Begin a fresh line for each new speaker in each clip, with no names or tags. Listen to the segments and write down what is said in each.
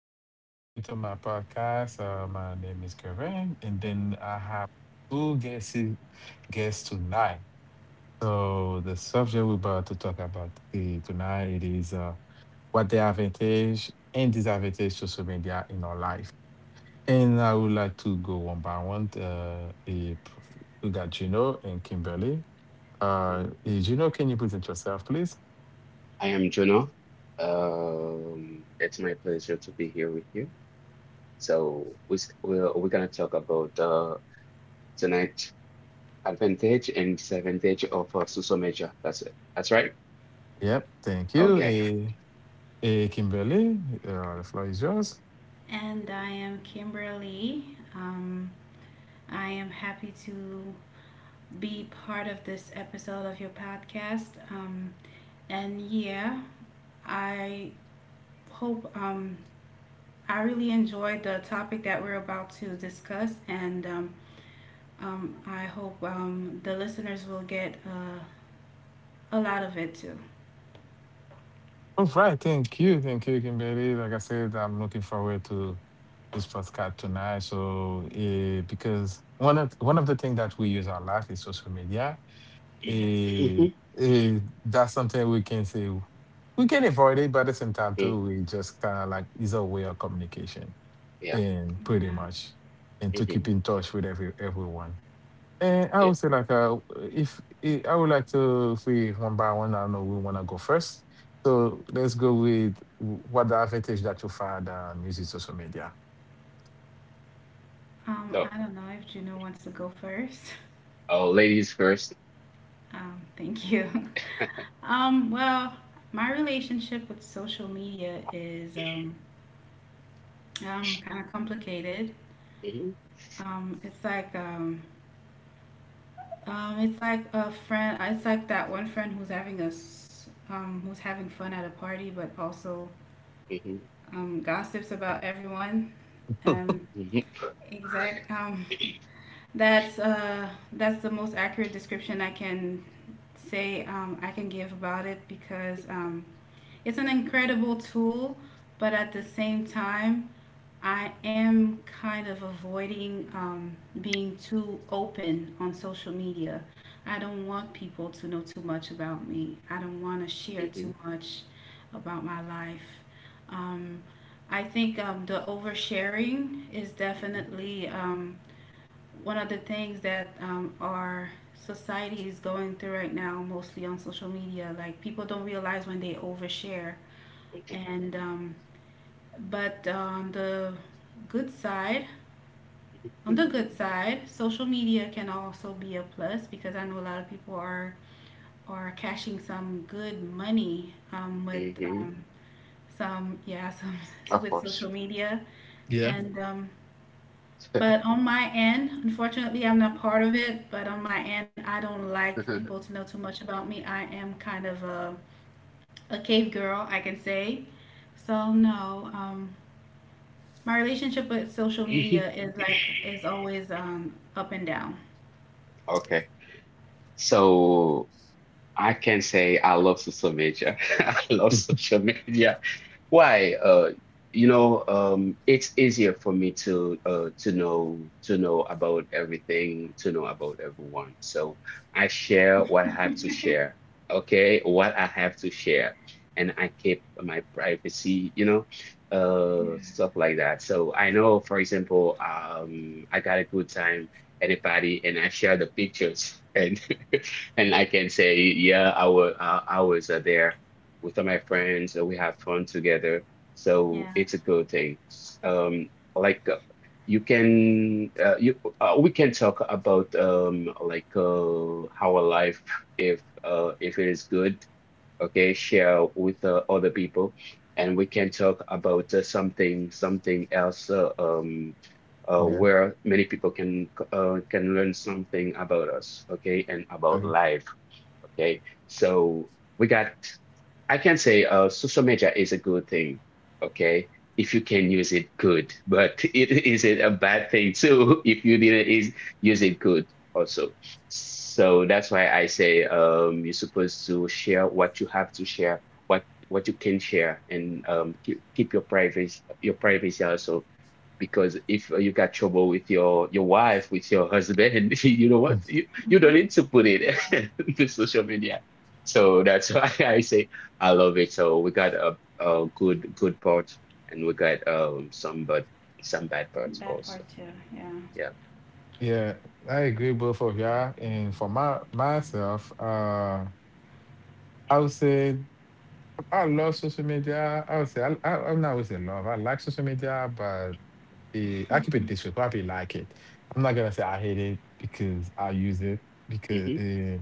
Thank you for coming to my podcast. My name is Kevin, and then I have two guests tonight. So the subject we're about to talk about tonight it is what the advantage and disadvantage social media in our life. And I would like to go one by one. We got Gino and Kimberly. Gino, can you present yourself, please?
I am Juno. It's my pleasure to be here with you. So we s- we're gonna talk about tonight advantage and disadvantage of social media. That's it. That's right.
Yep, thank
Yeah,
you.
Okay.
Eh, hey, Kimberly, the floor is yours.
and I am Kimberly. Um, I am happy to be part of this episode of your podcast. And yeah, I hope, I really enjoyed the topic that we're about to discuss, and I hope the listeners will get a lot of it too.
All right, thank you, Kimberly. Like I said, I'm looking forward to this podcast tonight. So, eh, because one of the things that we use a lot is social media.
Yes.
Eh,
Hmm.
eh, that's something we can say we can avoid it, but at the same time
Mm.
too, we just kind of like is a way of communication,
Yeah.
and pretty
Yeah.
much, and to
Hmm.
keep in touch with everyone. And I
Yeah.
would say like if eh, I would like to if we one by one, I know we want to go first. So let's go with w- what the advantage that your father using social media.
So,
I don't know if Juno wants to go first.
oh, ladies first.
Thank you. Well, my relationship with social media is kind of complicated.
Hmm.
It's like it's like a friend. It's like that one friend who's having fun at a party, but also
Hmm.
gossips about everyone. Um,
Hmm.
exact. That's the most accurate description I can say I can give about it because it's an incredible tool, but at the same time I am kind of avoiding being too open on social media. I don't want people to know too much about me. I don't want to share
Hmm.
too much about my life. Um, I think the oversharing is definitely one of the things that our society is going through right now, mostly on social media. Like people don't realize when they overshare. And but good side, on the
Hmm.
good side, social media can also be a plus because I know a lot of people are cashing some good money with
Hmm.
some, yeah, some
Of
with
course.
social media and but on my end, unfortunately, I'm not part of it. But on my end, I don't like people to know too much about me. I am kind of a cave girl, I can say. So no, my relationship with social media is always up and down.
Okay. So, I can say I love social media. I love social media. Why? It's easier for me to know about everything, to know about everyone. So I share what I have to share, okay? What I have to share, and I keep my privacy, stuff like that. So I know, for example, I got a good time at a party, and I share the pictures, and and I can say, yeah, I was there with all my friends and we have fun together. So
Yeah.
it's a good thing. Like you can you we can talk about our life if it is good, okay, share with other people and we can talk about something else
Yeah.
where many people can learn something about us, okay, and about
Okay.
life. Okay, so we got, I can say social media is a good thing, okay? If you can use it good, but it a bad thing too if you didn't is, use it good also. So that's why I say you're supposed to share what you have to share, what you can share, and keep your privacy also, because if you got trouble with your wife, with your husband, you know what?
Mm.
You don't need to put it to social media. So that's why I say I love it. So we got a good part and we got some bad parts
That
also.
part too, yeah.
Yeah.
Yeah, I agree both of y'all. And for my myself, I would say I love social media. I would say I'm not would say love. I like social media, but eh, I keep it this way. Probably like it. I'm not gonna say I hate it because I use it because
Mm-hmm.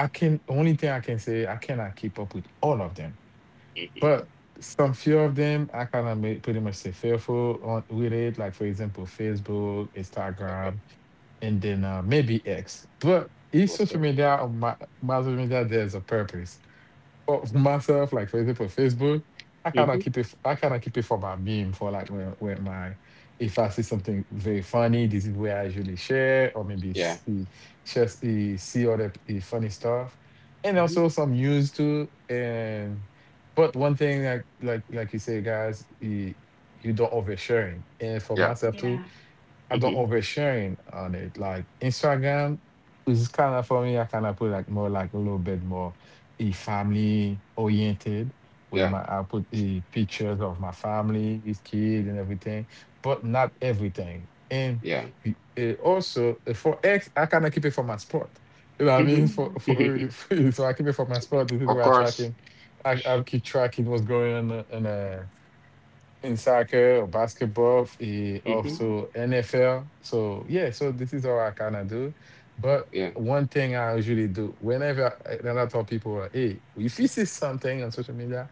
I can only thing I can say I cannot keep up with all of them,
Mm-hmm.
but some few of them I kind of make pretty much say fearful on with it. Like for example, Facebook,
Okay.
Instagram, and then maybe X. But each social
Okay.
media, my social media, there's a purpose for myself, like for example, Facebook, I cannot
Mm-hmm.
keep it. I cannot keep it for my meme. For like if I see something very funny, this is where I usually share, or maybe
Yeah.
see, just see other funny stuff, and
Mm-hmm.
also some news too. And but one thing, like you say, guys, eh, you don't oversharing. And for
Yeah.
myself
Yeah.
too, I don't
Mm-hmm.
oversharing on it. Like Instagram is kind of for me, I kind of put like more like a little bit more a family oriented where
Yeah.
my I put the pictures of my family, his kid and everything, but not everything. And
Yeah.
also for X, I kind of keep it for my sport. You know what I mean?
Mm-hmm.
I
For
Mm-hmm.
so I keep it for my sport. This is
Of
where I
course.
tracking. I keep tracking what's going on in soccer or basketball, eh,
Mm-hmm.
also NFL. So yeah, so this is all I kind of do. But
Yeah.
one thing I usually do whenever I, and I tell people, hey, if you see something on social media,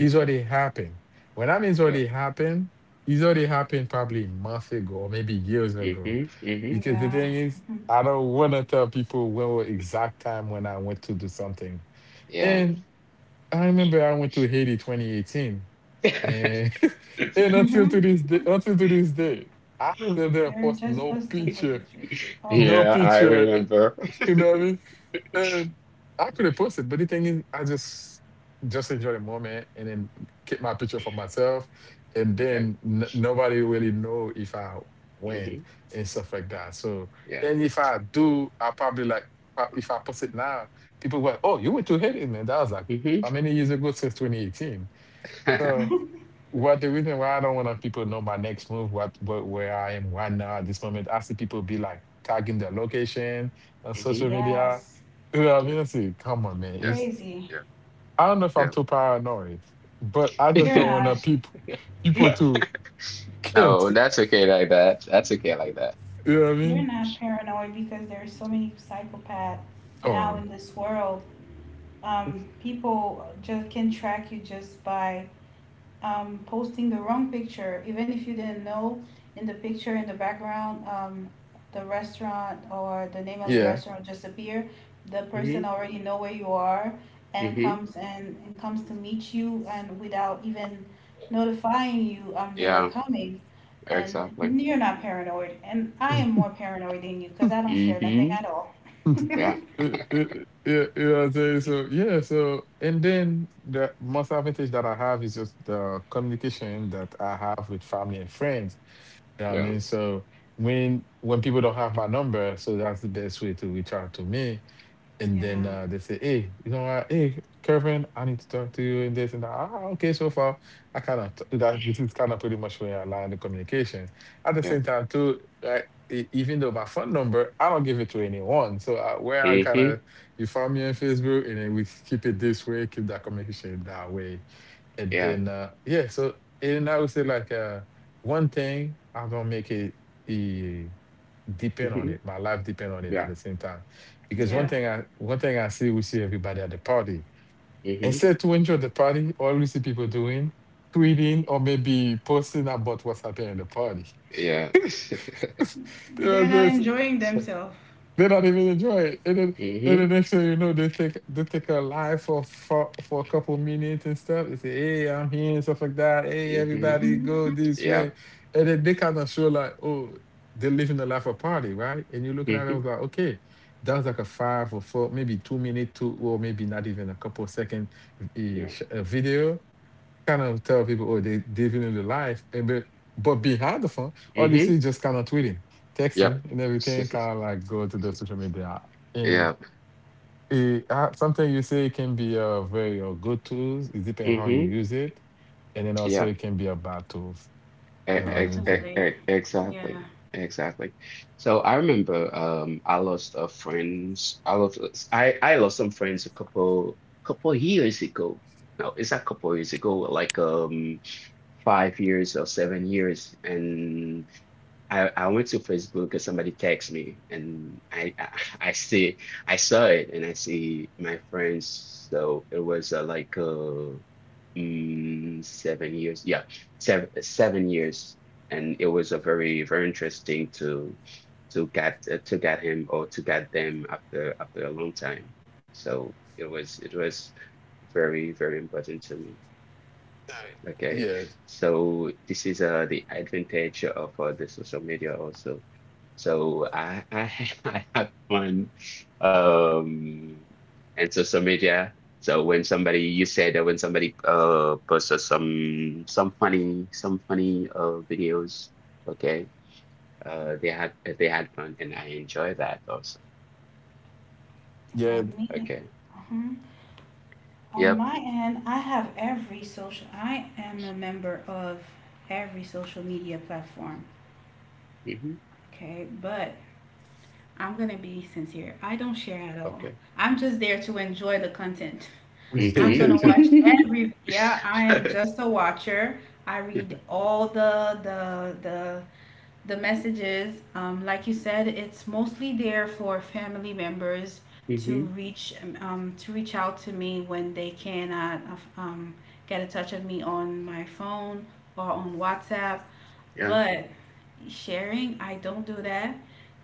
it's already happened. When I mean
Yeah.
it's already happened probably months ago or maybe years ago.
Mm-hmm. Mm-hmm.
Because the
Yeah.
thing is, I don't want to tell people when was exact time when I went to do something.
Yeah.
And I remember I went to Haiti 2018 and and until to this day, I still there
You're
post
just
no
posting the
picture,
pictures. Oh,
no
Yeah, I
picture. eh,
remember.
you know what I mean? And I could have posted, but the thing is, I just enjoy the moment and then keep my picture for myself, and
Okay.
then nobody really know if I went
Hmm.
and stuff like that. So,
Yeah.
and if I do, I probably like if I post it now, people were, oh, you went to Haiti, man. That was like
Hmm.
how many years ago? Since 2018.
Hmm.
Well, the reason why I don't want people to know my next move, what where I am right now at this moment, I see people be like tagging their location on social media.
yes.
You know, what I
Yeah.
mean, I say, come on, man.
Yeah.
It's
Crazy.
Yeah.
I don't know if I'm too paranoid, but I just
You're
don't want the
not.
people people
Yeah.
to can't.
No, that's okay like that. That's okay like that.
You know what I
You're
mean?
not paranoid because there's so many psychopaths now
Oh,
in this world. People just can track you just by posting the wrong picture. Even if you didn't know, in the picture in the background, the restaurant or the name of the
yeah.
restaurant just appear, the person
Hmm.
already know where you are and
Hmm.
comes and, and comes to meet you, and without even notifying you they were
Yeah,
coming. And
exactly.
you're not paranoid, and I am more paranoid than you because I don't share nothing
Hmm.
at all.
Yeah.
You you- you- you know what I'm saying? So yeah, so and then the most advantage that I have is just the communication that I have with family and friends. Yeah, I
Yeah.
mean? So when people don't have my number, so that's the best way to reach out to me. And
Yeah.
Yeah,
then they say, "Hey, you know what? Hey, Kevin, I need to talk to you in this and that." Ah, okay. So far, I kind of that this is kind of pretty much where I land the communication. At the same
Yeah.
time, too, right? Even though my phone number, I don't give it to anyone. So I, where I kind of
Hmm.
you found me on Facebook, and then we keep it this way, keep that communication that way, and
Yeah.
then yeah. So and I would say like one thing I don't make it. E Depend on
Hmm.
it. My life depend on it at
Yeah.
the same time. Because
yeah.
Yeah.
one thing I see, we see everybody at the party.
Hmm.
Instead to enjoy the party, all we see people doing, tweeting or maybe posting about what's happening at the party.
Yeah.
You know,
They're not
this-
enjoying themselves.
they don't even enjoy it. And then and the
Hmm.
next thing you know, they take a live for a couple minutes and stuff. They say, "Hey, I'm here" and stuff like that. Hey,
Hmm.
everybody, go this way.
Yeah.
And then they kind of show like, oh, they're living the life of party, right? And you're looking at
Hmm.
them like, okay, that was like a five or four, maybe two minute, two or maybe not even a couple second
Yeah.
video kind of tell people, oh, they living in the life. Eh, But behind the phone, all you see
Hmm.
is just kind of tweeting,
Yep.
texting, and everything. Kind of like go to the social media. And
Yep.
it, something you say can be a very good tools. It depends how you
Hmm.
use it, and then also
Yeah,
it can be a bad tools. You know what I mean? So,
Definitely.
exactly.
Yeah.
Exactly. So I remember I lost a friends. I lost some friends a couple years ago. No, it's a couple years ago, like 5 years or 7 years. And I went to Facebook and somebody texted me and I see I saw it and I see my friends, so it was 7 years, yeah, seven seven years, and it was a very very interesting to get him or to get them after a long time, so it was very very important to me. Okay,
yeah.
so this is the advantage of the social media also. So I have fun um and social media. So when somebody you said that when somebody posts some funny videos, okay, they had fun and I enjoy that also.
Yeah.
Yeah, me.
Okay.
uh On
Yep.
my end, I have every social. I am a member of every social media platform.
Mm-hmm.
Okay, but I'm gonna be sincere. I don't share at all.
Okay.
I'm just there to enjoy the content. I'm gonna watch
Mm-hmm.
every. Yeah, I am just a watcher. I read all the messages, like you said. It's mostly there for family members
Mm-hmm.
to reach out to me when they cannot um, get a touch of me on my phone or on WhatsApp.
Yeah.
But sharing, I don't do that.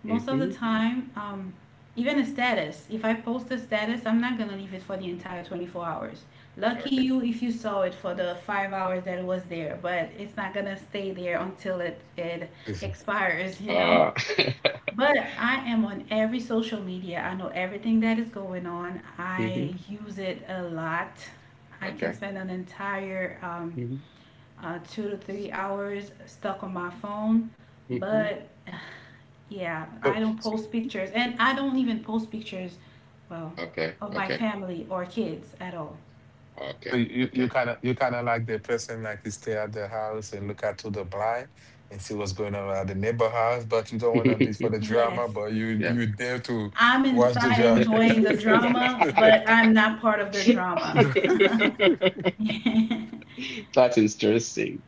Most of the
Mm-hmm.
time, even a status. If I post a status, I'm not gonna leave it for the entire 24 hours. Lucky
Okay.
you if you saw it for the 5 hours that it was there, but it's not gonna stay there until it expires, you know?
Uh,
But I am on every social media. I know everything that is going on.
hmm.
I use it a lot. I can
Okay.
spend an entire
Hmm.
2 to 3 hours stuck on my phone,
Hmm.
but yeah,
So,
I don't post pictures, and I don't even post pictures, well,
Okay.
of my
Okay.
family or kids at all.
so
Okay.
you you
Okay.
kind of you kind of like the person like to stay at the house and look out to the blind and see what's going on at the neighbor house, but you don't want to be for the drama,
Yes,
but you
Yeah.
you there to
I'm
watch the
inside
drama.
enjoying the drama, but I'm not part of the drama. Yeah,
That's interesting.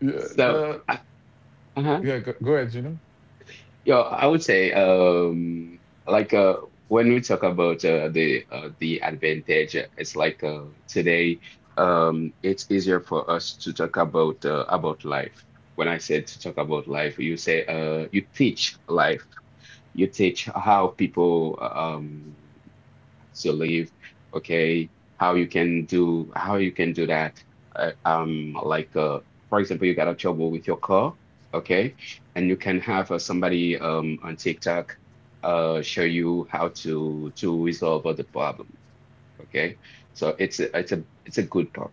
Yeah,
So,
no,
uh-huh.
yeah, go, go ahead, you know.
Yeah, I would say like uh when we talk about the advantage, it's like today it's easier for us to talk about life. When I said to talk about life, you say you teach life. You teach how people to live, okay, how you can do that. Uh, um, like uh, for example, you got a trouble with your car, okay, and you can have somebody on TikTok show you how to resolve all the problem, okay. So it's a good part.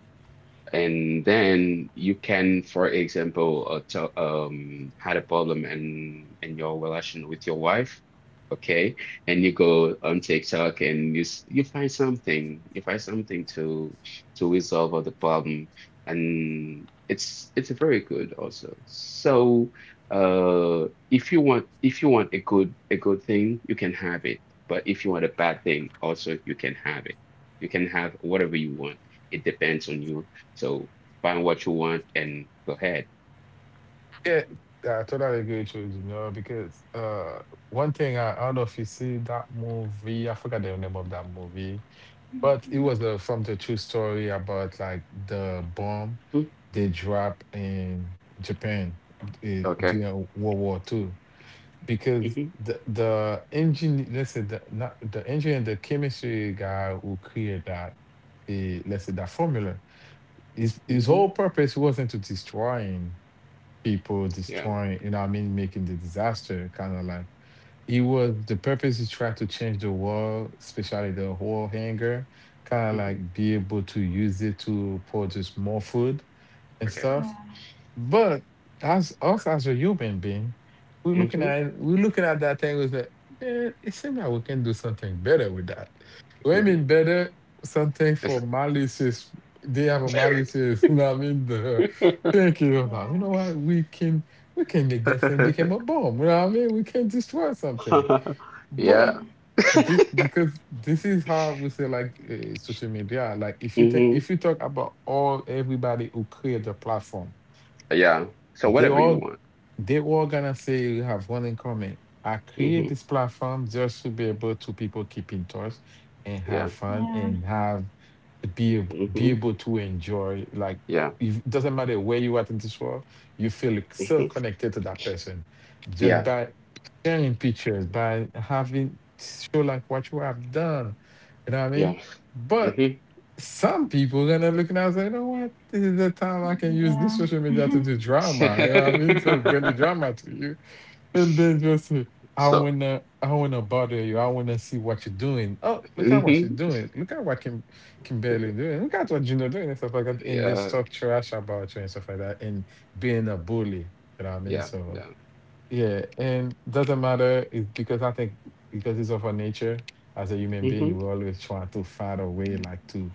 And then you can, for example, had a problem in your relation with your wife, okay? And you go on TikTok and you find something to resolve all the problem, and it's very good also. So, if you want a good thing, you can have it. But if you want a bad thing, also you can have it. You can have whatever you want, it depends on you, so find what you want and go ahead.
Yeah, I totally agree with you, you know, because one thing I don't know if you see that movie. I forgot the name of that movie. But it was from the true story about like the bomb
Mhm.
they dropped in Japan
Okay.
during World War Two. Because
Hmm.
the engine, let's say the not the engineer, the chemistry guy who created that, let's say that formula, his
Hmm.
whole purpose wasn't to destroying people,
Yeah.
destroying, you know, what I mean, making the disaster, kind of like. He was the purpose. He tried to change the world, especially the whole hanger, kind of
Hmm.
like be able to use it to produce more food and
Okay.
stuff.
yeah,
But as us as a human being,
Hmm.
we're looking at that thing with like, man, it seems like we can do something better with that. What I mean better, something for malicious. They have a malicious, you know what I mean? The thinking about, you know what, we can make that thing become a bomb. You know what I mean? We can destroy something.
Yeah.
But this because this is how we say like social media. Like
Hmm.
if you talk about all everybody who create the platform,
Yeah. So
they
whatever you
all
want.
they were gonna say we have one in common. I create
Hmm.
this platform just to be able to people keep in touch and have
Yeah.
fun
yeah,
and have be
Hmm.
able to enjoy like
Yeah.
if- it doesn't matter where you are in this world, you feel like so
Hmm.
connected to that person just
Yeah.
by sharing pictures, by having show like what you have done. You know what I mean?
Yeah.
But
Hmm.
some people gonna look and I was like, you know what? This is the time I can use this
yeah.
social media to do drama. You know what I mean? So bring the drama to you. And then just say,
So.
I wanna bother you. I wanna see what you're doing. Oh, look at what she's
Hmm.
doing. Look at what Kimberly doing. Look at what Gino doing and stuff like that. And just
Yeah.
talk trash about you and stuff like that. And being a bully. You know what I mean?
Yeah.
So
Yeah.
yeah, and doesn't matter, it's because I think because it's of our nature as a human being,
Hmm.
we always try to find a way like to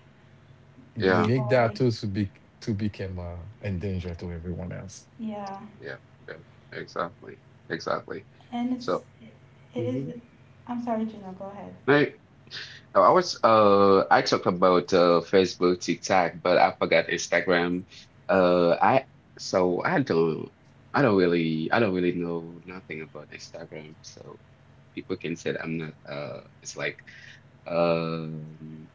Yeah.
make that
Destroy.
too to become a danger to everyone else.
Yeah,
Yeah. Yeah. Exactly. Exactly.
and
So.
it is. I'm sorry, Juno. Go ahead.
Right. Now, I talked about Facebook, TikTok, but I forgot Instagram. Uh I so I don't I don't really know nothing about Instagram. So people can say that I'm not it's like um,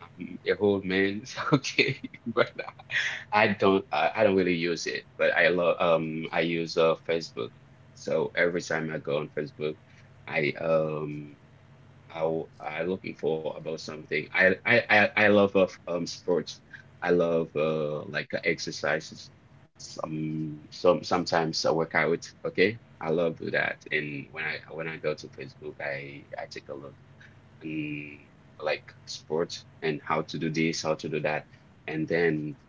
I'm a old man, it's okay, but I don't really use it. But I love I use Facebook. So every time I go on Facebook, I um I looking for about something. I love sports. I love exercises. Sometimes I work out. Okay, I love do that. And when I go to Facebook, I take a look and like sports and how to do this, how to do that. And then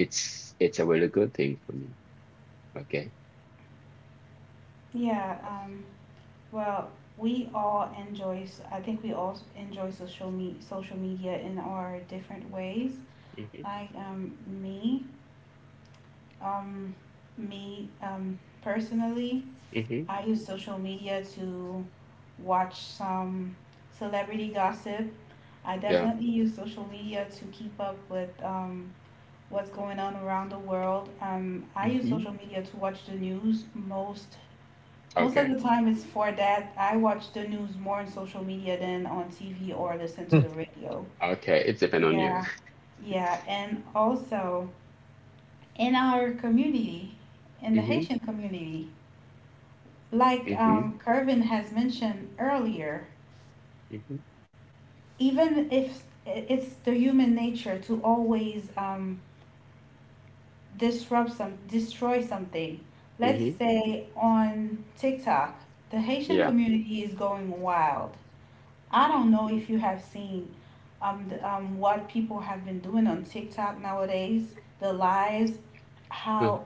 it's a really good thing for me. Okay.
Yeah. Well, we all enjoy, s- I think we all enjoy social media in our different ways.
Mm-hmm.
Like um, me, personally,
Mm-hmm.
I use social media to watch some celebrity gossip. I
Yeah.
definitely use social media to keep up with what's going on around the world. I use
Mm-hmm.
social media to watch the news. Most of
Okay.
the time it's for that. I watch the news more on social media than on TV or listen to the radio.
Okay. It depends on you.
Yeah, yeah. And also in our community, in the
Mm-hmm.
Haitian community, like
Mm-hmm.
Kervin has mentioned earlier,
Mm-hmm.
even if it's the human nature to always disrupt some, destroy something. Let's
Mm-hmm.
say on TikTok, the Haitian
Yeah.
community is going wild. I don't know
Mm-hmm.
if you have seen what people have been doing on TikTok nowadays, the lives.
Uh,
How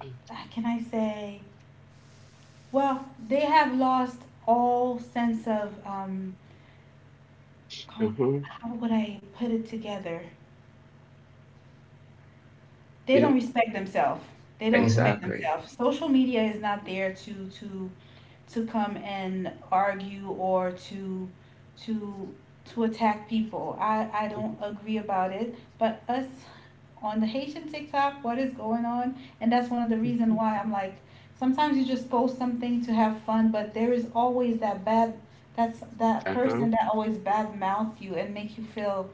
uh,
can I say? Well, they have lost all sense of,
uh-huh.
how would I put it together? They
You
don't
know,
respect themselves. They don't
Mm-hmm.
respect
exactly.
themselves. Social media is not there to come and argue or to to attack people. I don't agree about it. But us on the Haitian TikTok, what is going on? And that's one of the reasons
Mm-hmm.
why, I'm like, sometimes you just post something to have fun, but there is always that bad, that's that
Uh-huh.
person that always bad mouth you and make you feel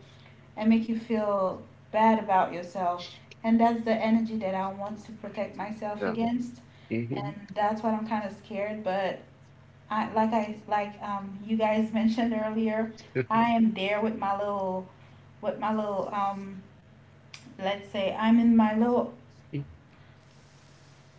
and make you feel bad about yourself. And that's the energy that I want to protect myself
Yeah.
against.
Mm-hmm.
And that's what I'm kind of scared, but I, I like, you guys mentioned earlier, I am there with my little let's say I'm in my little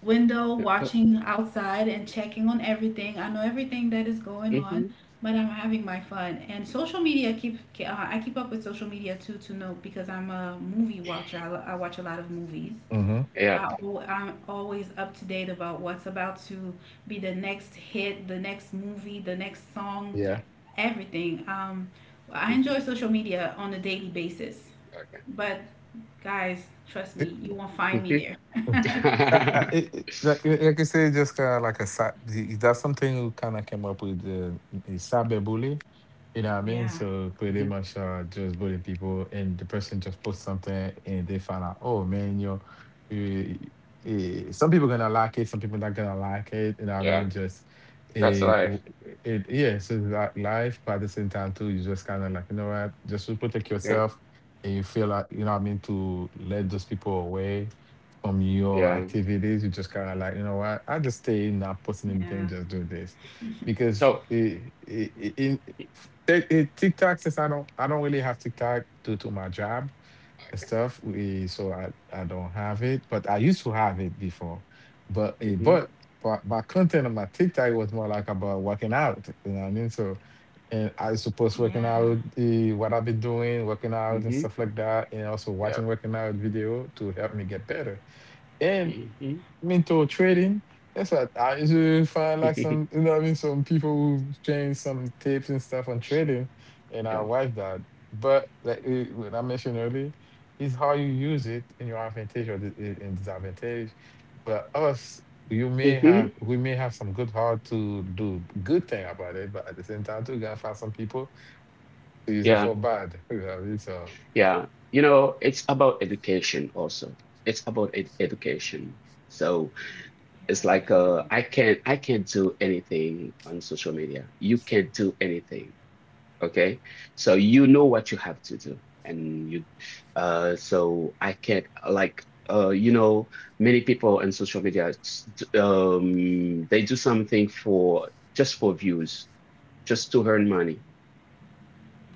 window
Mm-hmm. Oh.
watching outside and checking on everything. I know everything that is going on,
Mm-hmm.
but I'm having my fun. And social media keep, I keep up with social media too, to know, because I'm a movie watcher. I watch a lot of movies.
Hmm.
Yep.
I'm always up to date about what's about to be the next hit, the next movie, the next song,
Yeah.
everything. I
Mhm.
enjoy social media on a daily basis,
Okay.
but guys, trust me, you won't find me
Mhm.
there.
It, it, like I say, just kind of like that's something we kind of came up with, is cyber. You know what I mean?
Yeah,
So pretty
Mhm.
much, just bully people, and the person just posts something, and they find out, oh man, you know, you, some people gonna like it, some people not gonna like it. You know what I
Yeah,
mean? Just
that's
eh,
life.
w yeah. So it's like life, but at the same time too, you just kind of like, you know what? Just to protect
Yeah.
yourself, and you feel like, you know what I mean, to let those people away from your
Yeah.
activities, you just kind of like, you know what, I just stay in, not
yeah,
posting anything, just do this. Because
So,
it, in- it, it- TikTok, since I don't really have TikTok due to my job and
okay.
stuff, so I don't have it, but I used to have it before. But, eh,
Mm-hmm.
but, but my content on my TikTok was more like about working out, you know what I mean? So, and I used to post
yeah,
working out, what I've been doing, working out and
Mm-hmm.
stuff like that, and also
Yeah.
watching working out video to help me get better and
Mm-hmm.
mental trading. That's what I usually find, like some, you know what I mean? Some people who change some tips and stuff on trading, and
Yeah.
I watch that. But like what I mentioned earlier, is how you use it in your advantage or in disadvantage. But us,
Mm-hmm.
we may have some good heart to do good thing about it, but at the same time too, you gotta find some people to use it
Yeah.
for bad. You know what I mean? So,
Yeah. You know, it's about education also. It's about ed education. So
yeah,
it's like
definitely.
I can't do anything on social media. You can't do anything. Okay, so you know what you have to do, and you, so I can't like, uh, you know, many people on social media, they do something for just for views, just to earn money,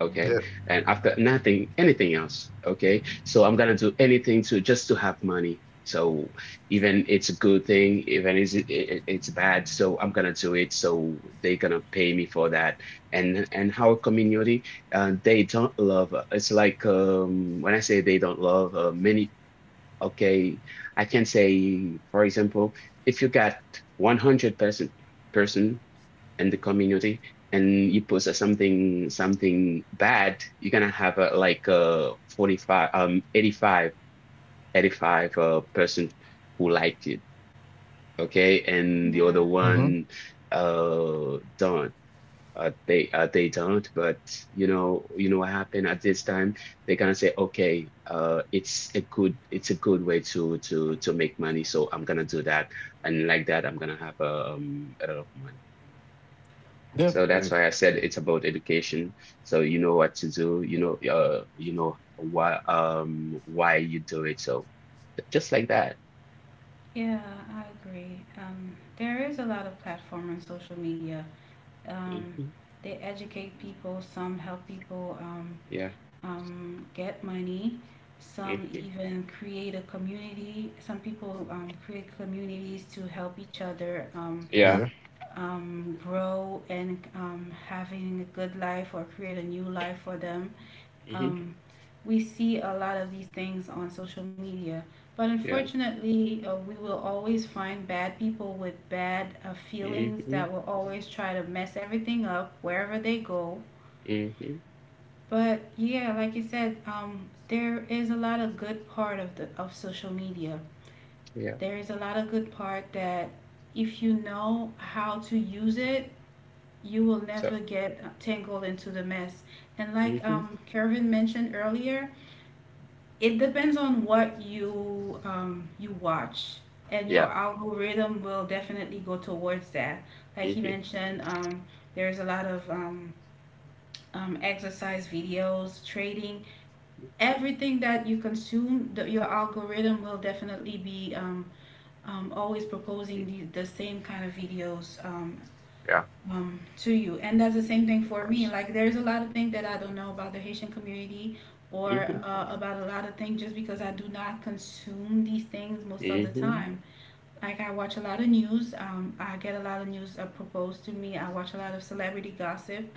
okay,
yeah.
and after nothing anything else, okay, so I'm gonna do anything to just to have money. So even it's a good thing, it's bad, so I'm gonna do it, so they gonna pay me for that. And our community, they don't love, it's like when I say they don't love many, okay, I can say, for example, if you got 100 person and the community, and you post something bad, you're gonna have 45, 85, 85, percent who liked it, okay, and the
yeah,
other
I get it.
Mm-hmm.
one don't, they don't, but you know, you know what happened at this time, they gonna say, okay, it's a good way to make money, so I'm gonna do that. And like that, I'm gonna have a lot of money.
Yep.
So that's why I said it's about education. So you know what to do, you know why you do it. So just like that.
Yeah, I agree. There is a lot of platform on social media. Um,
Hmm.
they educate people. Some help people.
Yeah.
Get money. Some
Hmm.
even create a community. Some people create communities to help each other
Yeah.
Yeah.
grow and having a good life, or create a new life for them.
Hmm.
Um, we see a lot of these things on social media. But
Yeah.
unfortunately, we will always find bad people with bad feelings
Hmm.
that will always try to mess everything up wherever they go.
Hmm.
But yeah, like you said, there is a lot of good part of the of social media.
Yeah.
There is a lot of good part that, if you know how to use it, you will
So.
never get tangled into the mess. And like
Hmm.
Kervin mentioned earlier, it depends on what you you watch, and your
Yeah.
algorithm will definitely go towards that. Like he
Hmm.
mentioned, there's a lot of exercise videos, trading,
Hmm.
everything that you consume. The, your algorithm will definitely be always proposing the same kind of videos
Yeah.
to you. And that's the same thing
Of
for me.
course.
Like, there's a lot of things that I don't know about the Haitian community or
Hmm.
about a lot of things just because I do not consume these things most of the
Hmm.
time. Like, I watch a lot of news. I get a lot of news proposed to me. I watch a lot of celebrity gossip,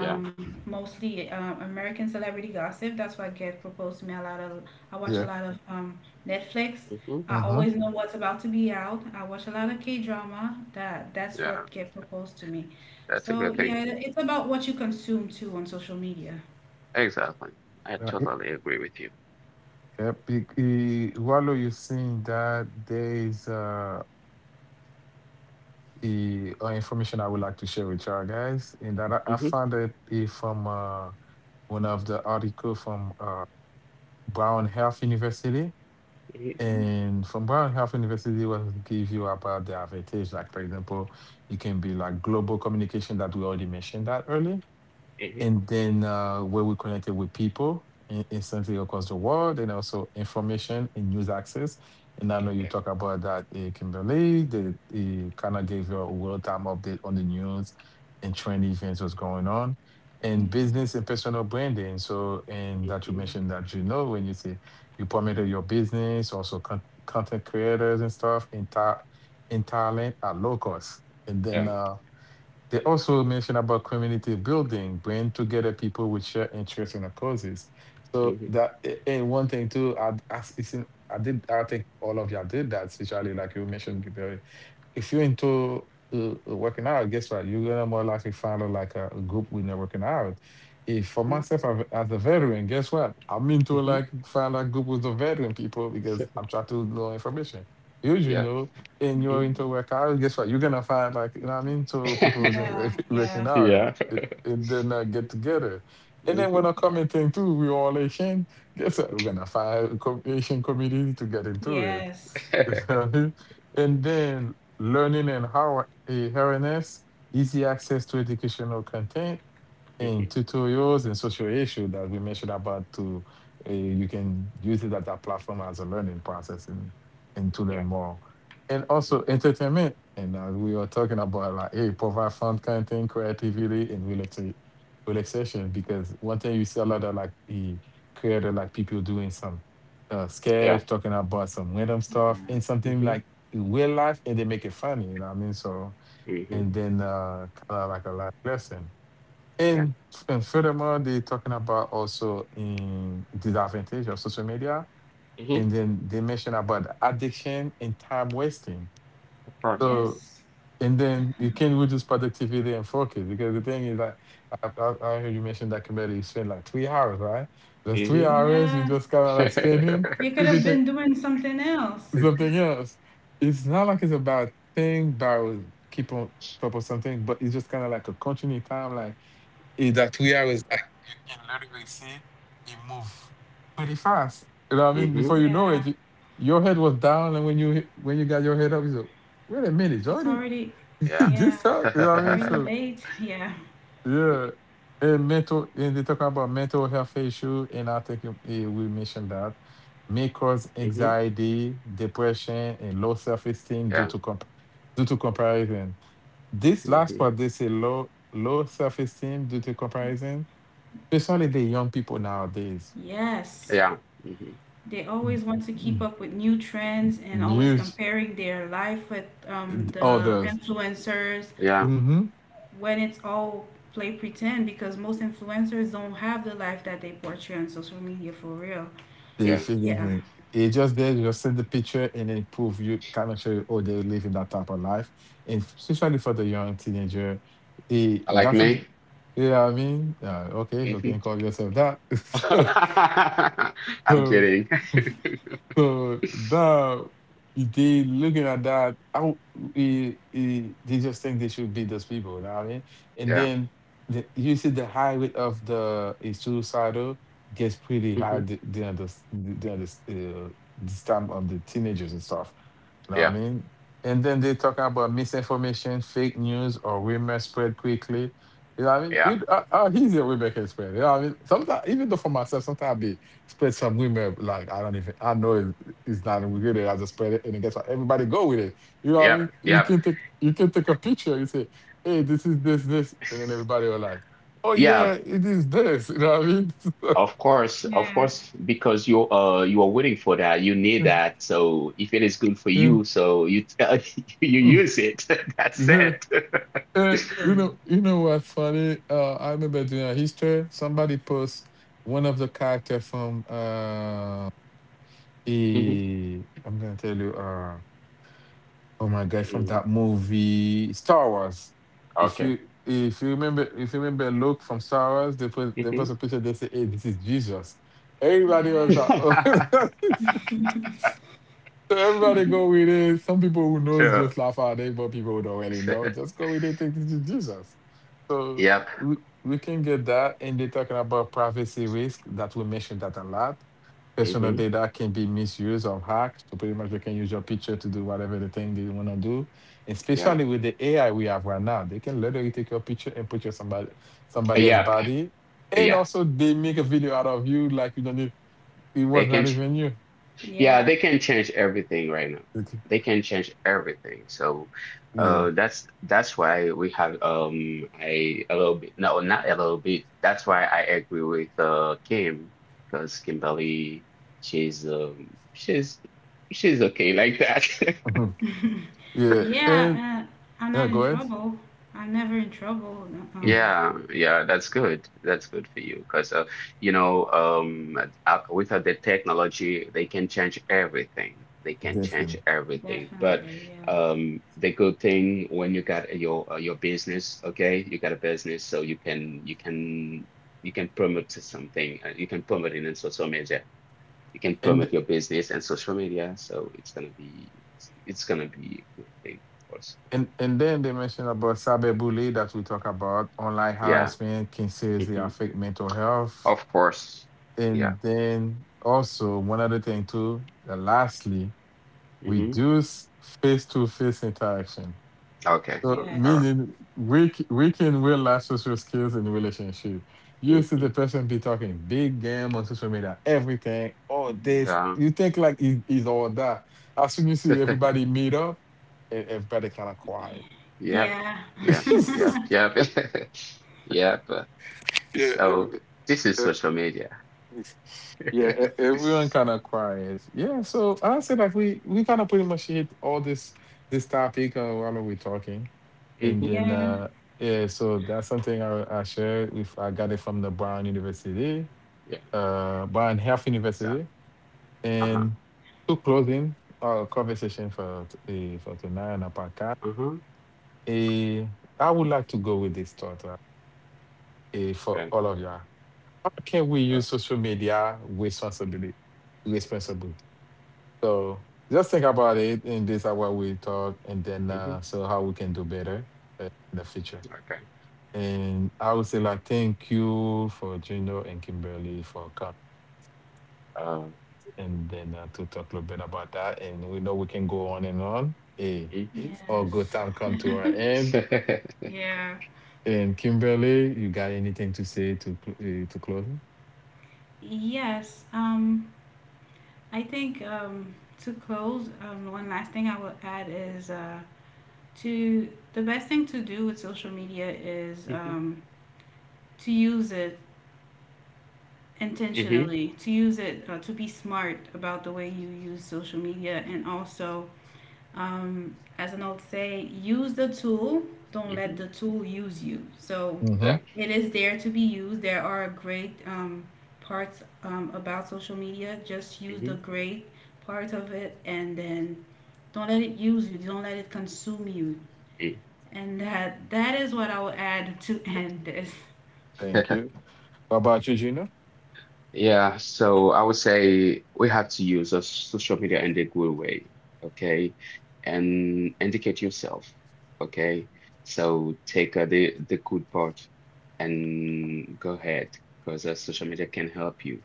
Yeah.
mostly American celebrity gossip. That's what get proposed to me a lot of. I watch a
Yeah.
lot of Netflix.
Hmm.
I
Mm-hmm.
always know what's about to be out. I watch a lot of K drama. That's
Yeah.
what get proposed to me.
That's a
So
good thing.
yeah, it's about what you consume too on social media.
Exactly. I totally agree with you.
Yep, while you're seeing that, there is, information I would like to share with y'all guys, and that I
Hmm.
found it, from, one of the article from, Brown Health University.
Hmm.
Mhm.
And from Brown Health University, will give you about the advantage. Like for example, it can be like global communication that we already mentioned that earlier,
Hmm.
and then, where we connected with people instantly across the world, and also information and news access. And I know
Okay.
you talk about that, Kimberly, the, kind of gave you a real-time update on the news and trend events was going on, and
Yeah,
business and personal branding. So, and that you
Hmm.
mentioned that, you know, when you say you promoted your business, also content creators and stuff in Thailand at low cost. And
Yeah.
then, they also mention about community building, bring together people with shared interests and causes. So
Hmm.
that and one thing too, I, it's in- I did I think all of y'all did that, especially like you mentioned before. If you're into, working out, guess what? You're gonna more likely follow like a group when they're working out. If for
Hmm.
myself as a veteran, guess what? I'm into
Hmm.
like find a group with the veteran people, because I'm trying to know information. Usually, you
Yeah.
know, and you're
Mm.
into workout, guess what? You're gonna find like, you know what I mean. So people
yeah,
isn't working
yeah,
out,
Yeah.
and then, get together. And
Hmm.
then
Hmm.
when a
yeah.
common thing too, we all Asian. Guess what? We're gonna find a Asian community to get into it.
Yes.
You know what I mean? And then learning and how awareness, easy access to educational content in tutorials, and social issue that we mentioned about to, you can use it at that platform as a learning process, and to
Yeah.
learn more. And
Yeah.
also entertainment, and as we were talking about, like, hey, provide fun content, creativity and relaxation, because one thing you see a lot of, like, the creator, like people doing some
Yeah.
sketch, talking about some random stuff
Yeah.
and something
Hmm.
like real life, and they make it funny, you know what I mean? So,
Hmm.
and then, kind of like a life lesson.
Yeah.
and, and furthermore, they're talking about also in disadvantage of social media.
Hmm.
And then they mention about addiction and time wasting.
Of course.
So,
Yes.
and then you can reduce productivity and focus, because the thing is that I heard you mentioned that community, you spend like 3 hours, right? Those
Hmm.
three
Hmm.
hours you
Yeah.
just kind of like spending,
You could
you
have
be
been
take
doing something else.
something else. It's not like it's a bad thing, that I will keep on top of something, but it's just kind of like a continuing time, like in that 3 hours, like you can literally see it move pretty fast. You know what I mean? Before you know
Yeah,
it, your head was down, and when when you got your head up, you said, "Wait a minute,
it's
Jordy,
already,
Yeah.
yeah,
this up?" You know
it's
what I mean?
already
So
late. Yeah,
Hmm.
yeah. And mental, and they talk about mental health issue, and I think we mentioned that may cause anxiety, depression, and low self esteem
Yeah.
due
Hmm.
to due to comparison. This last part, they say low self esteem due to comparison, especially the young people nowadays,
yes.
Yeah. Hmm.
They always
n-
want to keep
n-
up with new trends and always
news,
comparing their life with the
others.
influencers,
Yeah.
Mm-hmm.
when it's all play pretend, because most influencers don't have the life that they portray on social media for real.
They
Yeah.
Yeah,
feeling it just there, you just send the picture and then prove, you kind of show you, oh, they're living that type of life. And especially for the young teenager, it,
Like
that's what,
me?
yeah, I mean, okay, you
Hmm.
can call yourself that.
I'm kidding.
So that they looking at that, how they just think they should be those people, you know what I mean? And
Yeah.
then you see the high rate of the, suicidal gets pretty high,
Hmm.
during this time of the teenagers and stuff. You know what I
Yeah.
mean? And then they talking about misinformation, fake news, or rumors spread quickly. You know what I mean?
Yeah.
We he's a rumor can spread. You know what I mean? Sometimes, even though for myself, sometimes I be spread some women, like, I don't even I know it, it's not even good. I just spread it and then guess what? Everybody go with it. You know what I
Yeah.
mean?
Yeah.
You can take a picture. You say, hey, this is this, and then everybody will like, oh yeah,
Yeah.
it is this. You know what I mean?
yeah,
Of course, because you are waiting for that, you need that. So if it is good for
Yeah.
you, so you tell you
Mm.
use it. That's
Yeah.
it.
And you know what's funny? I remember doing a history. Somebody posts one of the character from,
Hmm.
I'm gonna tell you. Oh my god, from that movie Star Wars. If
Okay.
you if you remember Luke from Star Wars, they put they
Mm-hmm.
put a picture, they say, hey, this is Jesus. Everybody was
yeah.
like, oh. So everybody go with it. Some people who knows
Sure.
just laugh at it, but people who don't really know, just go with it, think this is Jesus. So
Yep.
we, we can get that. And they're talking about privacy risk that we mentioned that a lot, personal
Hmm.
data can be misused or hacked. So pretty much they can use your picture to do whatever the thing they want to do.
Yeah.
Especially with the AI we have right now, they can literally take your picture and put your somebody else's
Yep.
body. And
Yeah.
also they make a video out of you, like you don't even, it
They
was not
can.
even you.
Yeah,
Yeah.
they can change everything right now.
Okay.
They can change everything. So
Yeah.
that's why we have I a little bit no not a little bit. That's why I agree with Kim, because Kimberly, she's um she's she's okay like that.
Mhm. Yeah. And
Yeah, I'm
yeah,
not in
go ahead.
trouble. I'm never in trouble.
Mm.
Um,
Yeah, yeah, that's good. That's good for you because with the technology, they can change everything. They can change
Definitely.
everything. But
Definitely, yeah.
the good thing when you got your business, okay, you got a business, so you can promote to something. You can promote it in social media. You can promote
And
your business and social media. So it's gonna be a good thing also.
and then they mentioned about cyberbullying that we talk about. Online
Yeah.
harassment can seriously
Hmm.
affect mental health.
Of course. Yeah.
And then also one other thing too, that lastly,
Hmm.
reduce face-to-face interaction.
Okay.
So
All right.
Yes.
meaning weaken real life social skills in relationship. You see the
Mm-hmm.
person be talking big game on social media, everything, all this.
Yeah.
You think like is all that. As soon you see everybody meet up, everybody kind of quiet.
Yep.
Yeah.
Yep. Yep.
Yeah.
Yep. Yep.
yeah,
So
ev-
this is social
eh,
media.
Yeah, everyone kind of cries. Yeah, so I said like we kind of pretty much hit all this topic, while we're talking, and
Mm-hmm.
then
Yeah.
uh yeah, so that's something I shared with I got it from the Brown University,
Yeah.
Brown Health
So,
University,
uh-huh.
and to closing our conversation for tonight on our podcast.
Uh-huh.
eh, I would like to go with this thought right, for
Right.
all of y'all. How can we
Uh,
use social media responsibly? Responsibly. So just think about it in this hour we talk, and then,
mm-hmm.
so how we can do better, in the future.
Okay.
And I would say like thank you for Gino and Kimberly for coming,
Uh,
and then, to talk a little bit about that. And we know we can go on and on. Hey,
mm-hmm.
all
Yes.
good time come to our end.
Yeah.
And Kimberly, you got anything to say to close?
Yes. I think, to close, one last thing I will add is, to the best thing to do with social media is
Mm-hmm.
to use it
Mm-hmm.
intentionally, to use it to be smart about the way you use social media, and also, as an old say, use the tool, don't let
Mm-hmm.
the tool use you. So
Mm-hmm.
Yeah.
it is there to be used. There are great parts about social media. Just use the great part of it, and then don't let it use you, don't let it consume you.
Mm-hmm.
And that, that is what I will add to end this.
Thank you. What about you, Gino?
Yeah, so I would say we have to use a social media in a good way, okay? And educate yourself, okay? So take the good part and go ahead, because social media can help you,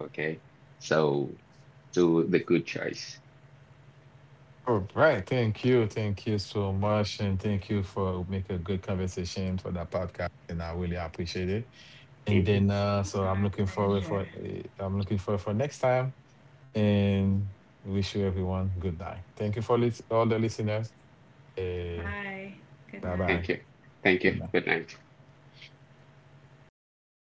okay? So do the good choice.
All right. Thank you. Thank you so much. And thank you for make a good conversation for that podcast. And I really appreciate it. And
Hmm.
then, so
Our pleasure.
I'm looking forward for next time. And wish you everyone good night. Thank you for all the listeners. Uh,
Bye. Good
bye
night.
Thank
bye.
you. Thank
Good
you.
night.
Good night.